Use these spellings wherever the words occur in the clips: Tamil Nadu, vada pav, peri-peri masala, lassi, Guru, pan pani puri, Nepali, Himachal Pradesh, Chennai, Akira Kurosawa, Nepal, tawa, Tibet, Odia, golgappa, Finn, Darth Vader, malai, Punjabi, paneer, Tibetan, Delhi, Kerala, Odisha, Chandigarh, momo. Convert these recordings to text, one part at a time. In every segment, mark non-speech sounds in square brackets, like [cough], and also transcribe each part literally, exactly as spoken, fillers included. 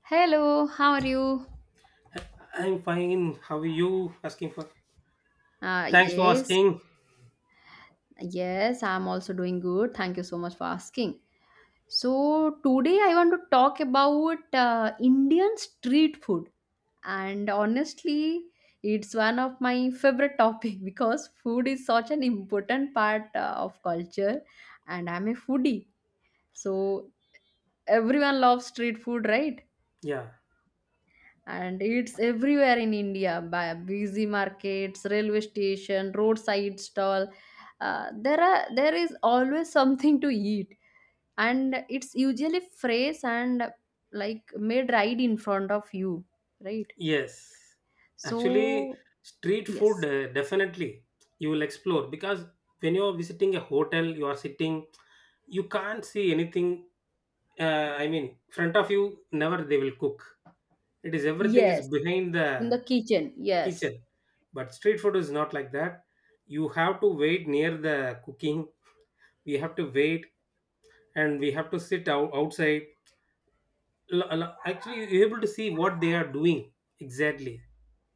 Hello, how are you? I'm fine. How are you? Asking for. Uh, Thanks for yes, asking. yes, I'm also doing good. Thank you so much for asking. So, today I want to talk about uh, Indian street food. And honestly, it's one of my favorite topic [laughs] because food is such an important part uh, of culture, and I'm a foodie. So, everyone loves street food, right? Yeah. And it's everywhere in India by busy markets, railway station, roadside stall. Uh, there are there is always something to eat, and it's usually fresh and like made right in front of you, right? Yes. Actually, So street food yes, uh, definitely you will explore because when you are visiting a hotel, you are sitting, you can't see anything. Uh, I mean, front of you never they will cook. It is everything is yes, behind in the the kitchen, yes, kitchen, but street food is not like that. You have to wait near the cooking. We have to wait and we have to sit out outside l- l- actually you're able to see what they are doing exactly,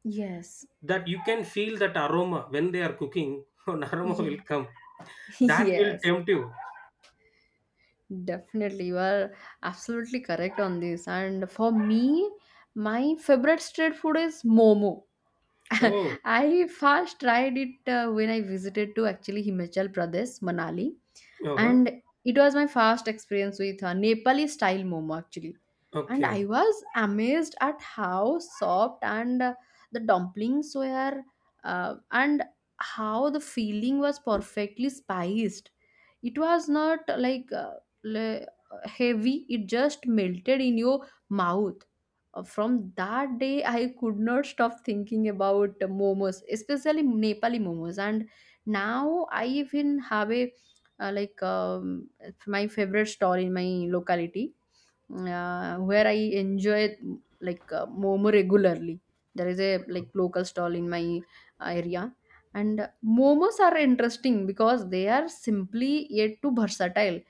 yes, that you can feel that aroma when they are cooking [laughs] an aroma will yeah, come [laughs] that will yes. tempt you. Definitely, you are absolutely correct on this. And for me, my favorite street food is momo. [laughs] Oh, I first tried it uh, when I visited to actually Himachal Pradesh, Manali, uh-huh. and it was my first experience with uh, Nepali style momo actually. And I Okay. was amazed at how soft and uh, the dumplings were, uh, and how the filling was perfectly spiced. It was not like uh, le- uh, heavy, it just melted in your mouth. Uh, From that day, I could not stop thinking about uh, momos, especially Nepali momos. And now I even have a uh, like um, my favorite stall in my locality, uh, where I enjoy like uh, momo regularly. There is a like local stall in my area, and momos are interesting because they are simply yet too versatile.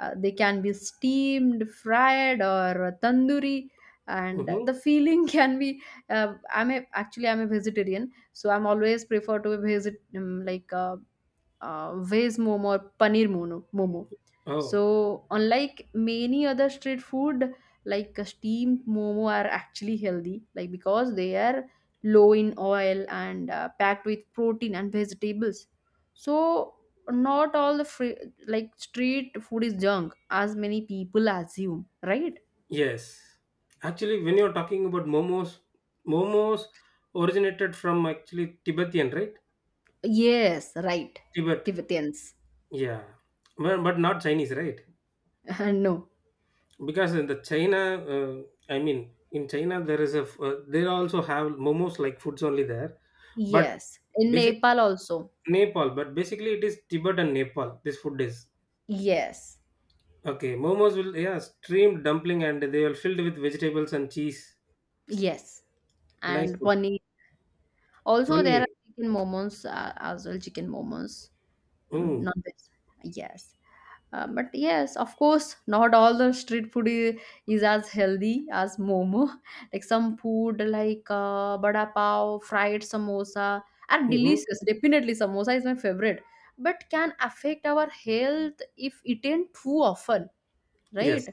Uh, they can be steamed, fried, or tandoori, and Mm-hmm. the feeling [laughs] can be. Uh, I'm a, actually I'm a vegetarian, so I'm always prefer to visit um, like uh, uh, veg momo or paneer mono, momo. Oh, So, unlike many other street food, like uh, steamed momo are actually healthy, like because they are low in oil and uh, packed with protein and vegetables. So, not all the free, like street food is junk, as many people assume, right? yes. Actually, when you're talking about momos, momos originated from actually Tibetan, right? Yes, right. Tibet. Tibetans. Yeah, well, but not Chinese, right? [laughs] No. Because in the China, uh, I mean, in China there is a f- uh, they also have momos like foods only there. But Yes. In Basic Nepal also. Nepal, but basically it is Tibet and Nepal. This food is Yes. okay. Momos will, yeah, steamed dumpling and they will filled with vegetables and cheese. Yes. Nice And food. paneer. Also, there Paneer. are chicken momos uh, as well, chicken momos. Um, Mm. not this. Yes. Uh, but yes, of course, not all the street food is, is as healthy as momo. [laughs] Like some food like uh, vada pav, fried samosa are Mm-hmm. delicious. Definitely, samosa is my favorite. But can affect our health if eaten too often, right? Yes.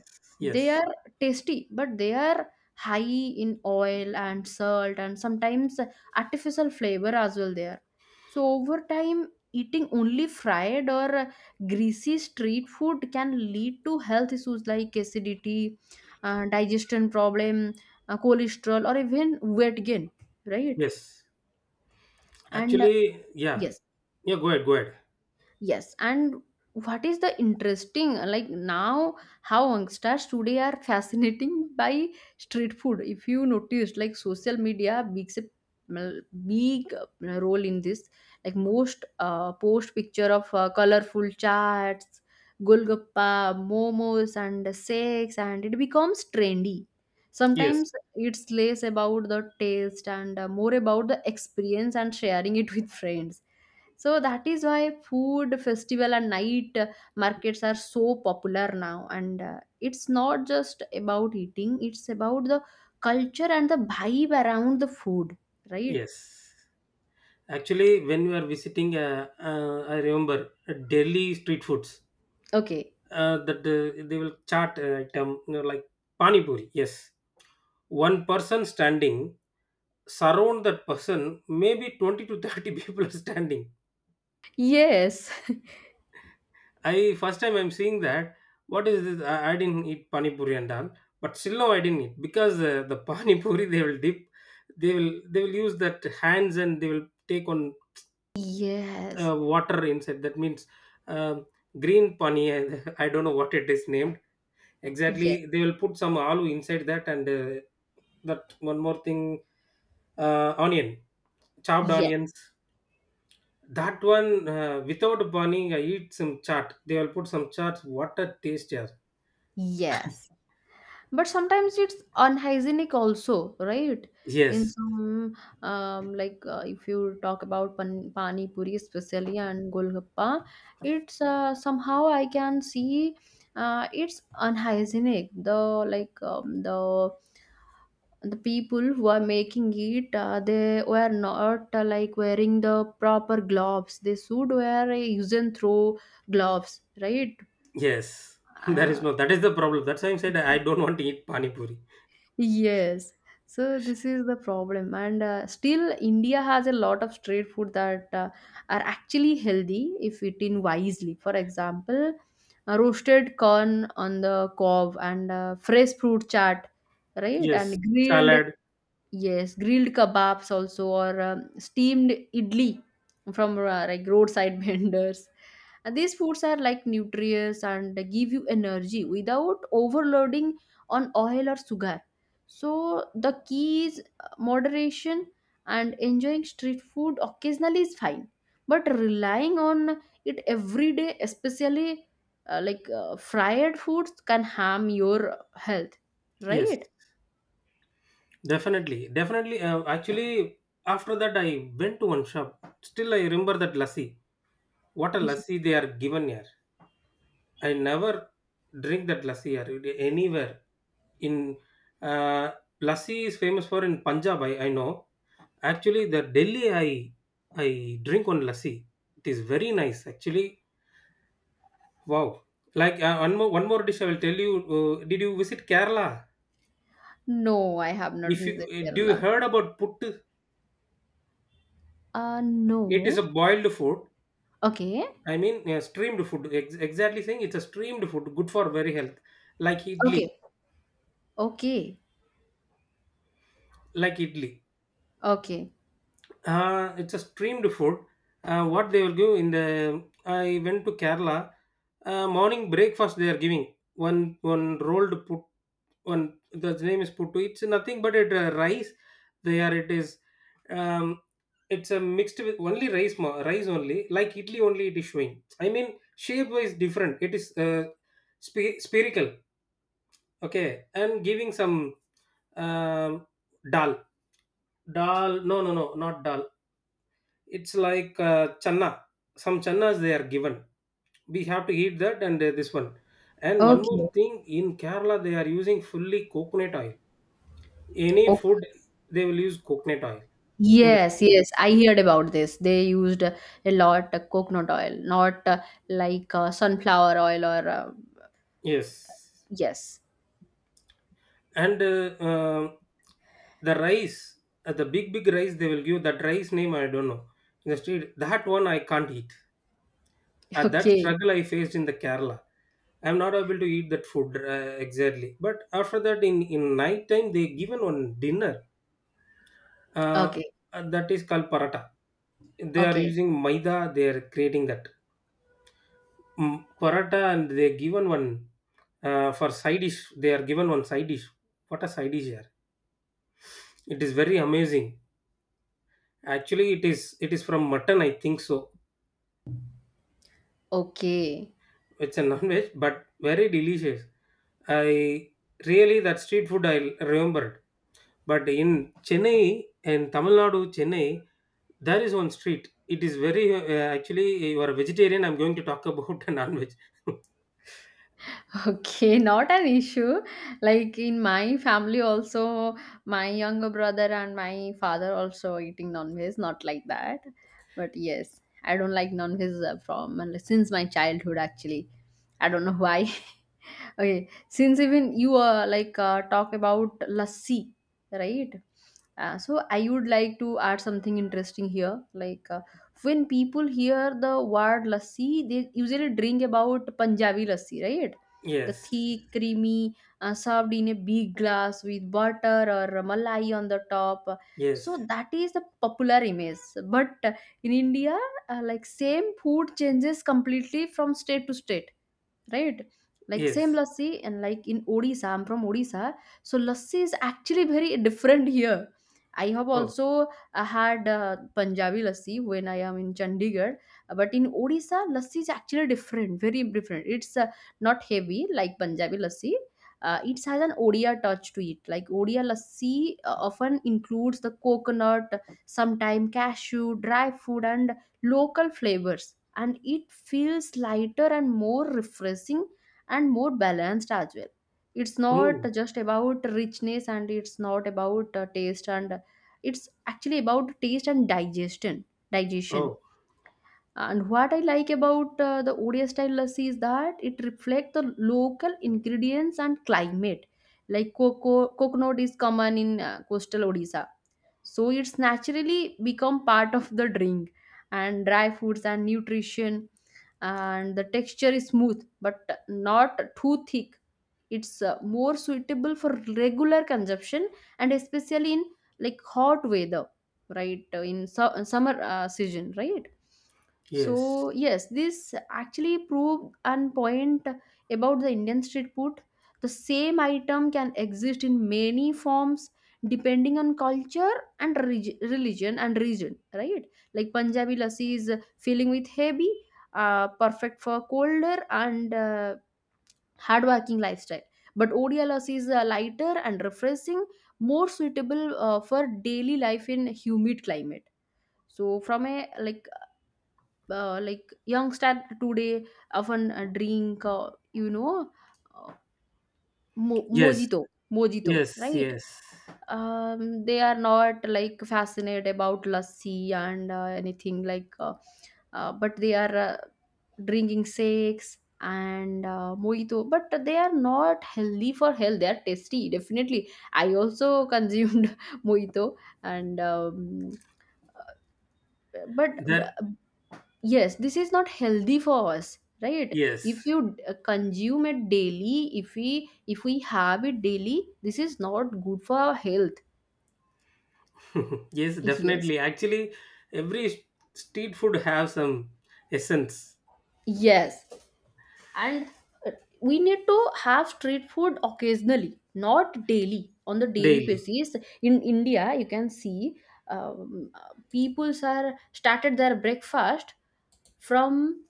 They Yes. are tasty, but they are high in oil and salt, and sometimes artificial flavor as well there. So over time, eating only fried or greasy street food can lead to health issues like acidity, uh, digestion problem, uh, cholesterol, or even weight gain, right? Yes. And Actually, yeah. yes. Yeah. Go ahead. Go ahead. Yes, and what is the interesting like now how youngsters today are fascinating [laughs] by street food. If you noticed, like social media makes a mm, big uh, role in this. Like most uh, post picture of uh, colorful charts, golgappa, momos, and shakes, and it becomes trendy. Yes. Sometimes it's less about the taste and uh, more about the experience and sharing it [laughs] with friends. So that is why food festival and night uh, markets are so popular now. And uh, it's not just about eating, it's about the culture and the vibe around the food, right? Yes. Actually, when we are visiting, uh, uh, I remember uh, Delhi street foods. Okay. Uh, that uh, they will chart uh, item, you know, like pani puri. Yes, one person standing surround that person maybe twenty to thirty [laughs] people are standing. Yes. I first time I'm seeing that, what is this? i, I didn't eat pani puri and all, but still no, I didn't eat because uh, the [laughs] pani puri they will dip, they will they will use that hands and they will take on [laughs] Yes. uh, water inside, that means uh, green pani. I [laughs] I don't know what it is named exactly. Yes. They will put some aloo inside that and uh, that one more thing, uh, onion, chopped Yes. onions. That one, uh, without burning, I eat some chaat. They will put some chaat. What a taste, yeah. Yes. But sometimes it's unhygienic also, right? In Yes, some, um, like uh, if you talk about pan pani puri especially and golgappa, it's uh, somehow I can see uh, it's unhygienic. The like um, the the people who are making it uh, they were not uh, like wearing the proper gloves. They should wear a use and throw gloves, right? yes. [laughs] That is Uh, no. That is the problem. That's why I said I don't want to eat pani puri. Yes. So this is the problem, and uh, still India has a lot of street food that uh, are actually healthy if eaten wisely. For example, uh, roasted corn on the cob and uh, fresh fruit chaat, right? Yes, And grilled. salad. Yes, grilled kebabs also, or um, steamed idli from uh, like roadside [laughs] vendors. And these foods are like nutritious and give you energy without overloading on oil or sugar. So the key is uh, moderation, and enjoying street food occasionally is fine, but relying on it every day, especially uh, like uh, fried foods, can harm your health, Yes, right? definitely, definitely. Uh, actually, after that, I went to one shop. Still, I remember that lassi. What a lassi they are given here. I never drink that lassi here anywhere. In uh, lassi is famous for in Punjab. I, I know. Actually, the Delhi I I drink on lassi. It is very nice actually. Wow. Like uh, one more one more dish I will tell you. Uh, did you visit Kerala? No, I have not If you visited uh, do you Kerala. heard about puttu? Uh, It is a no. boiled food. Okay. I mean uh, steamed food. Ex- exactly saying, it's a steamed food, good for very health. Like Okay. idli, Okay. like idli. Okay. Uh, it's a steamed food. Uh, what they will give in the I went to Kerala. Uh, morning breakfast they are giving one one rolled put. One, the name is puttu. It's nothing but it uh, rice. There it is, um it's a mixed with only rice, ma- rice only, like italy only it is showing. I mean, shape wise different. It is uh, sp- spherical. Okay. And giving some um dal. Dal no no no not dal. It's like uh, channa, some channas they are given. We have to eat that, and uh, this one. And one more Okay. thing, in Kerala they are using fully coconut oil, any Okay. food they will use coconut oil in the. Yes, yes. I heard about this. They used a lot of coconut oil, not uh, like uh, sunflower oil or uh, Yes, yes. and uh, um, the rice, uh, the big big rice they will give, that rice name I don't know. In the street that one I can't eat. Uh, [laughs] that Okay. struggle I faced in the Kerala, I'm not able to eat that food, uh, exactly. But after that, in in night time they given one dinner, uh, Okay. uh, that is called paratha. They are Okay. using maida, they are creating that. Mm, paratha, and they given one uh, for side dish. They are given one side dish. What a side dish here! It is very amazing. Actually, it is it is from mutton, I think so. Okay. It's a non-veg, but very delicious. I really, that street food I remembered. But in Chennai, in Tamil Nadu, Chennai, there is one street. It is very uh, actually. You are a vegetarian. I'm going to talk about [laughs] a non-veg. [laughs] Okay, [laughs] not an issue. Like in my family also, my younger brother and my father also eating non-veg, not like that. But yes, I don't like non-veg uh, from since my childhood actually. I don't know why. [laughs] Okay, since even you uh, like uh, talk about lassi, right? Uh, so I would like to add something interesting here. Like uh, when people hear the word lassi, they usually drink about Punjabi lassi, right? The Yes, thick, creamy, uh, served in a big glass with butter or malai on the top. yes, So that is the popular image. But uh, in India, uh, like same food changes completely from state to state, right? Like same yes. lassi and like in Odisha, I'm from Odisha, so lassi is actually very [laughs] different here. I have Oh, also uh, had uh, Punjabi lassi when I am in Chandigarh, but in Odisha, lassi is actually different, very different. It's uh, not heavy like Punjabi lassi. Uh, it has an Odia touch to it. Like Odia lassi uh, often includes the coconut, sometime cashew, dry fruit, and local flavors, and it feels lighter and more refreshing and more balanced as well. It's not mm. just about richness, and it's not about uh, taste and uh, it's actually about taste and digestion digestion. Oh. And what I like about uh, the Odia style lassi is that it reflects the local ingredients and climate. Like cocoa, coconut is common in uh, coastal Odisha, so it's naturally become part of the drink. And dry foods and nutrition, and the texture is smooth but not too thick. It's uh, more suitable for regular consumption, and especially in like hot weather, right? uh, in su- uh, summer uh, season, right? Yes. So yes, this actually proved an point about the Indian street food. The same item can exist in many forms depending on culture and reg- religion and region, right? Like Punjabi lassi is filling with heavy, uh, perfect for colder and uh, hardworking lifestyle. But O D L S is uh, lighter and refreshing, more suitable uh, for daily life in humid climate. So from a like uh, like youngster today often uh, drink uh, you know uh, mo- Yes. mojito, mojito, Yes. right? Yes. Um, they are not like fascinated about lassi and uh, anything like uh, uh, but they are uh, drinking shakes and uh, mojito, but they are not healthy for health. They are tasty, definitely. I also [laughs] consumed mojito, and um, but That yes, this is not healthy for us, right? If yes. you uh, consume it daily, if we if we have it daily, this is not good for our health. [laughs] Yes, Yes, definitely. Actually, every st- street food have some essence yes, and uh, we need to have street food occasionally, not daily on the daily daily. basis. In India, you can see um, uh, peoples are started their breakfast from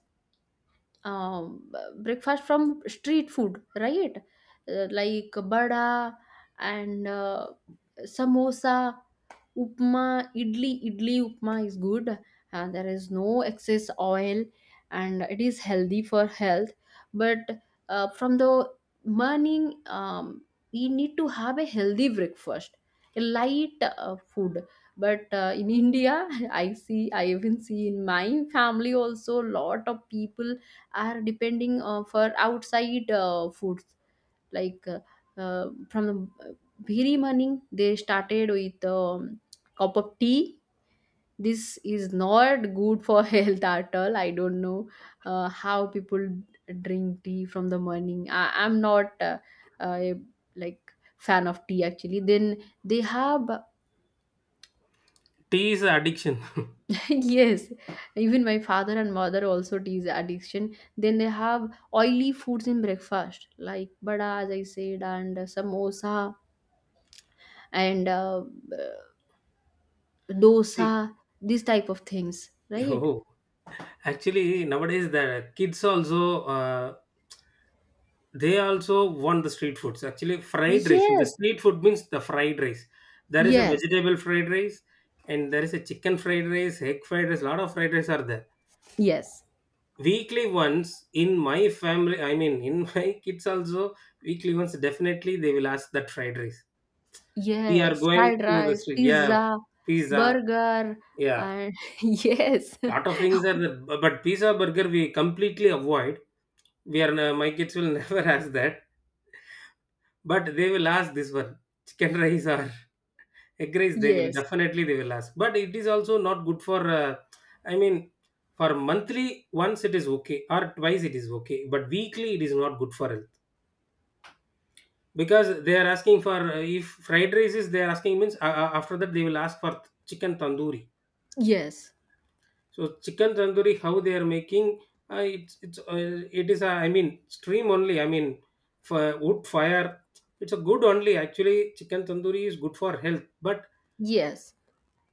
um, uh, breakfast from street food, right? Uh, like bada and uh, samosa, upma, idli. Idli upma is good, and there is no excess oil, and it is healthy for health. But uh, from the morning, um, we need to have a healthy breakfast, a light uh, food. But uh, in India, [laughs] I see, I even see in my family also, lot of people are depending uh, for outside uh, food, like uh, uh, from the uh, very morning they started with um, cup of tea. This is not good for [laughs] health at all. I don't know uh, how people drink tea from the morning. I, I'm not uh, a, like fan of tea actually. Then they have Tea is addiction. [laughs] yes, even my father and mother also tea addiction. Then they have oily foods in breakfast like bada, as I said, and samosa and uh, [laughs] See, dosa, these type of things, right? oh, actually nowadays the kids also uh, they also want the street foods. Actually, fried rice. In the Yes, street food means the fried rice. There is a yes, vegetable fried rice, and there is a chicken fried rice, egg fried rice. Lot of fried rice are there. yes, Weekly ones in my family, I mean, in [laughs] my kids also weekly ones, definitely they will ask that fried rice. We are yes. going Fried to the rice, street, yeah, pizza, pizza, burger, yeah. and [laughs] yes, Lot of things are there, bu- but pizza, burger we completely avoid. We are n- my kids will [laughs] never ask that, but they will ask this one, chicken rice or [laughs] egg [laughs] rice. They will yes, definitely, they will ask. But it is also not good for uh, I mean, for monthly once it is okay, or twice it is okay, but weekly it is not good for health. Because they are asking for uh, if fried rice is they are asking means, uh, uh, after that they will ask for chicken tandoori. yes, So chicken tandoori, how they are making, uh, it's it's uh, it is a- I mean stream only, I mean for wood fire, it's a good only. Actually, chicken tandoori is good for health, but yes,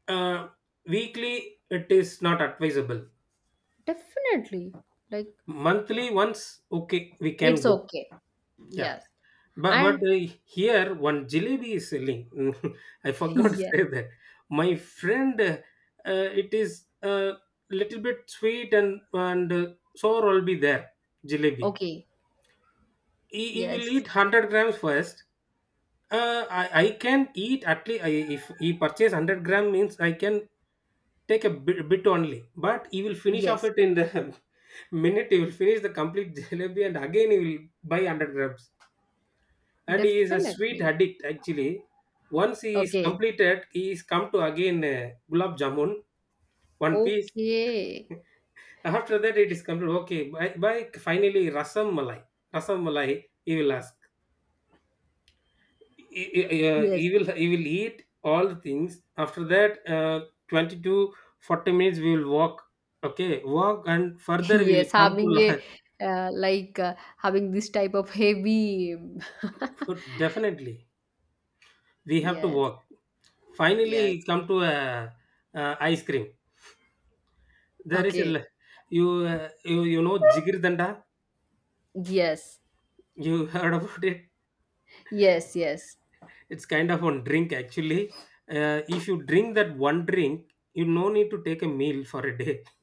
uh, weekly it is not advisable. definitely. Like Monthly once, okay, we can it's go, okay. yeah. Yes, But but and uh, here one jalebi is selling. [laughs] I [laughs] forgot to yeah, say that. My friend, uh, uh, it is a little bit sweet and and uh, sour will be there. Jalebi. okay, He, he will yes, eat hundred grams first. Uh, I I can eat at least I, if he purchase hundred gram means I can take a bit, bit only. But he will finish off yes, it in the [laughs] minute. He will finish the complete jalebi and again he will buy hundred grams, and he is a sweet definitely. addict actually. Once he is Okay, completed, he is come to again uh, gulab jamun, one piece. okay, After that, it is complete. Okay, by, by finally rasam malai, rasam malai. He will ask. He, he- uh, yes, he will He will eat all the things. After that, uh, twenty to forty minutes we will walk. Okay, walk and [laughs] further we will yes, come to having a lunch. uh, like uh, having this type of heavy. [laughs] Definitely, we have to Yes, walk. Finally, yes. come to a, uh uh, ice cream. There is a Okay. l- you uh, you you know jigir danda. Yes, You [laughs] heard about it? yes, yes. It's kind of on drink actually. Uh, if you drink that one drink, you no need to take a meal for a day. [laughs]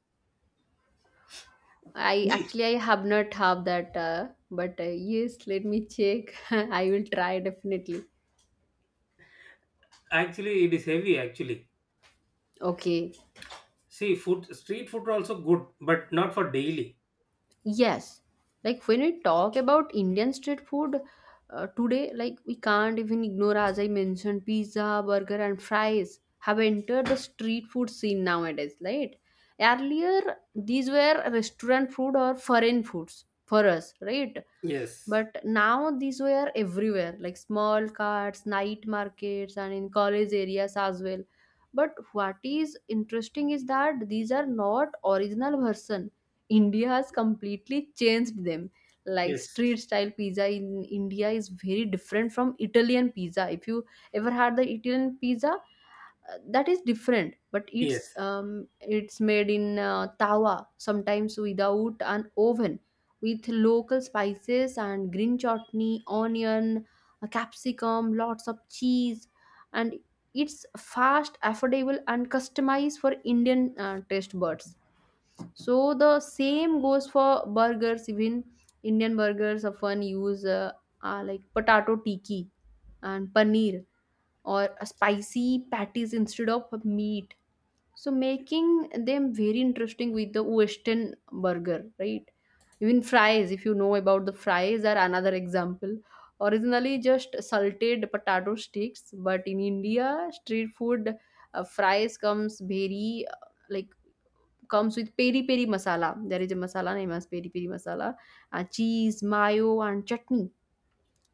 I E- actually I have not have that, uh, but uh, yes, let me check. [laughs] I will try definitely. Actually, it is heavy. Actually, Okay. see, food street food are also good, but not for daily. Yes, like when we talk about Indian street food uh, today, like we can't even ignore, as I mentioned, pizza, burger, and fries have entered the street food scene nowadays, right? Earlier, these were restaurant food or foreign foods for us, right? Yes, But now these were everywhere, like small carts, night markets, and in college areas as well. But what is interesting is that these are not original version. India has completely changed them. Like yes, street style pizza in India is very different from Italian pizza. If you ever had the Italian pizza, uh, that is different, but it's yes, um, it's made in uh, tawa, sometimes without an oven, with local spices and green chutney, onion, uh, capsicum, lots of cheese, and it's fast, affordable, and customized for Indian uh, taste buds. So the same goes for burgers. Even Indian burgers often use uh, uh, like potato tiki and paneer or spicy patties instead of meat. So making them very interesting with the Western burger, right? Even fries, if you know about the fries, are another example. Originally just salted potato sticks, but in India, street food uh, fries comes very uh, like comes with peri-peri masala. There is a masala name as peri-peri masala, uh, cheese, mayo, and chutney.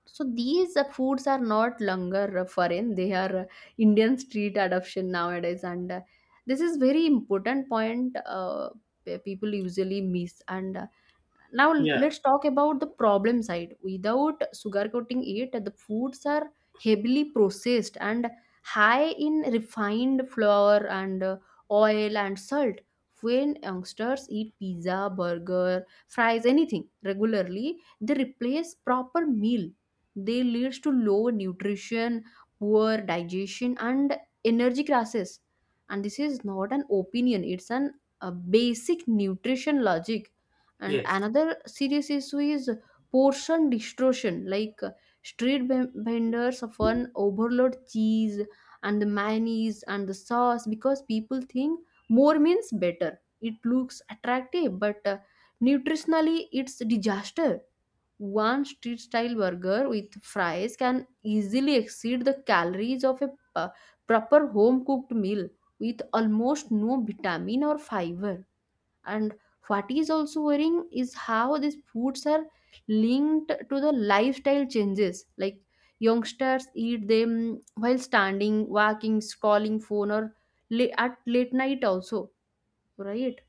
So these uh, foods are not longer uh, foreign; they are uh, Indian street adoption nowadays, and uh, this is very important point, uh, pe- people usually miss. And uh, now yeah, let's talk about the problem side. Without sugarcoating it, the foods are heavily processed and high in refined flour and uh, oil and salt. When youngsters eat pizza, burger, fries, anything regularly, they replace proper meal. They leads to low nutrition, poor digestion, and energy crisis. And this is not an opinion; it's an a basic nutrition logic. And yes, another serious issue is portion distortion, like uh, street ben- vendors often overload cheese and the mayonnaise and the sauce because people think more means better. It looks attractive, but uh, nutritionally it's a disaster. One street style burger with fries can easily exceed the calories of a uh, proper home cooked meal, with almost no vitamin or fiber. And what is also worrying is how these foods are linked to the lifestyle changes, like youngsters eat them while standing, walking, scrolling phone, or la- at late night also, right?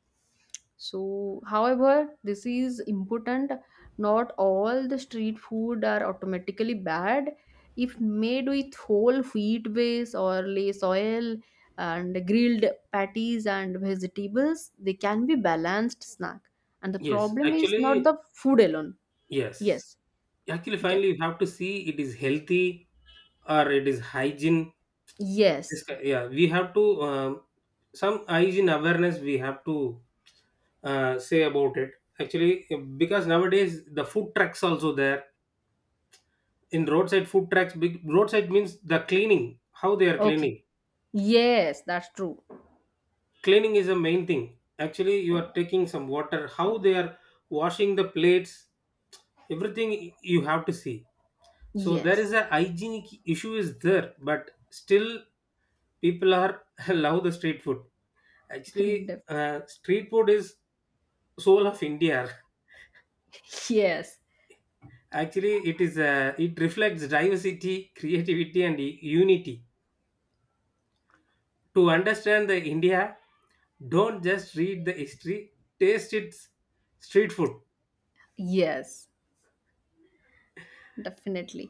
So however this is important, not all the street food are automatically bad. If made with whole wheat base or less oil and grilled patties and vegetables, they can be balanced snack. And the yes. problem is not Actually, the food alone. yes. Yes, Actually, you can. finally, you have to see, it is healthy or it is hygiene. This, Yes, yeah, we have to, um, some hygiene awareness we have to uh, say about it actually. Because nowadays the food trucks also there, in roadside food trucks. Big roadside means the cleaning, how they are okay, cleaning. yes, that's true, Cleaning is a main thing. Actually, you are taking some water, how they are washing the plates, everything you have to see. So there is yes. a hygienic issue is there, but still people are [laughs] love the street food. [laughs] Actually, Def- uh, street food is soul of India. yes, Actually, it is uh, it reflects diversity, creativity, and u- unity. To understand the India, don't just read the history; taste its street food. yes, definitely.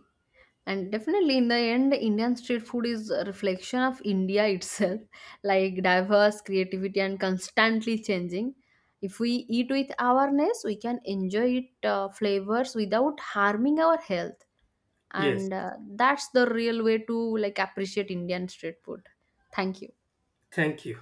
And definitely, in the end, Indian street food is a reflection of India itself, [laughs] like diverse creativity and constantly changing. If we eat with awareness, we can enjoy it uh, flavors without harming our health, Yes, and uh, that's the real way to like appreciate Indian street food. Thank you. thank you.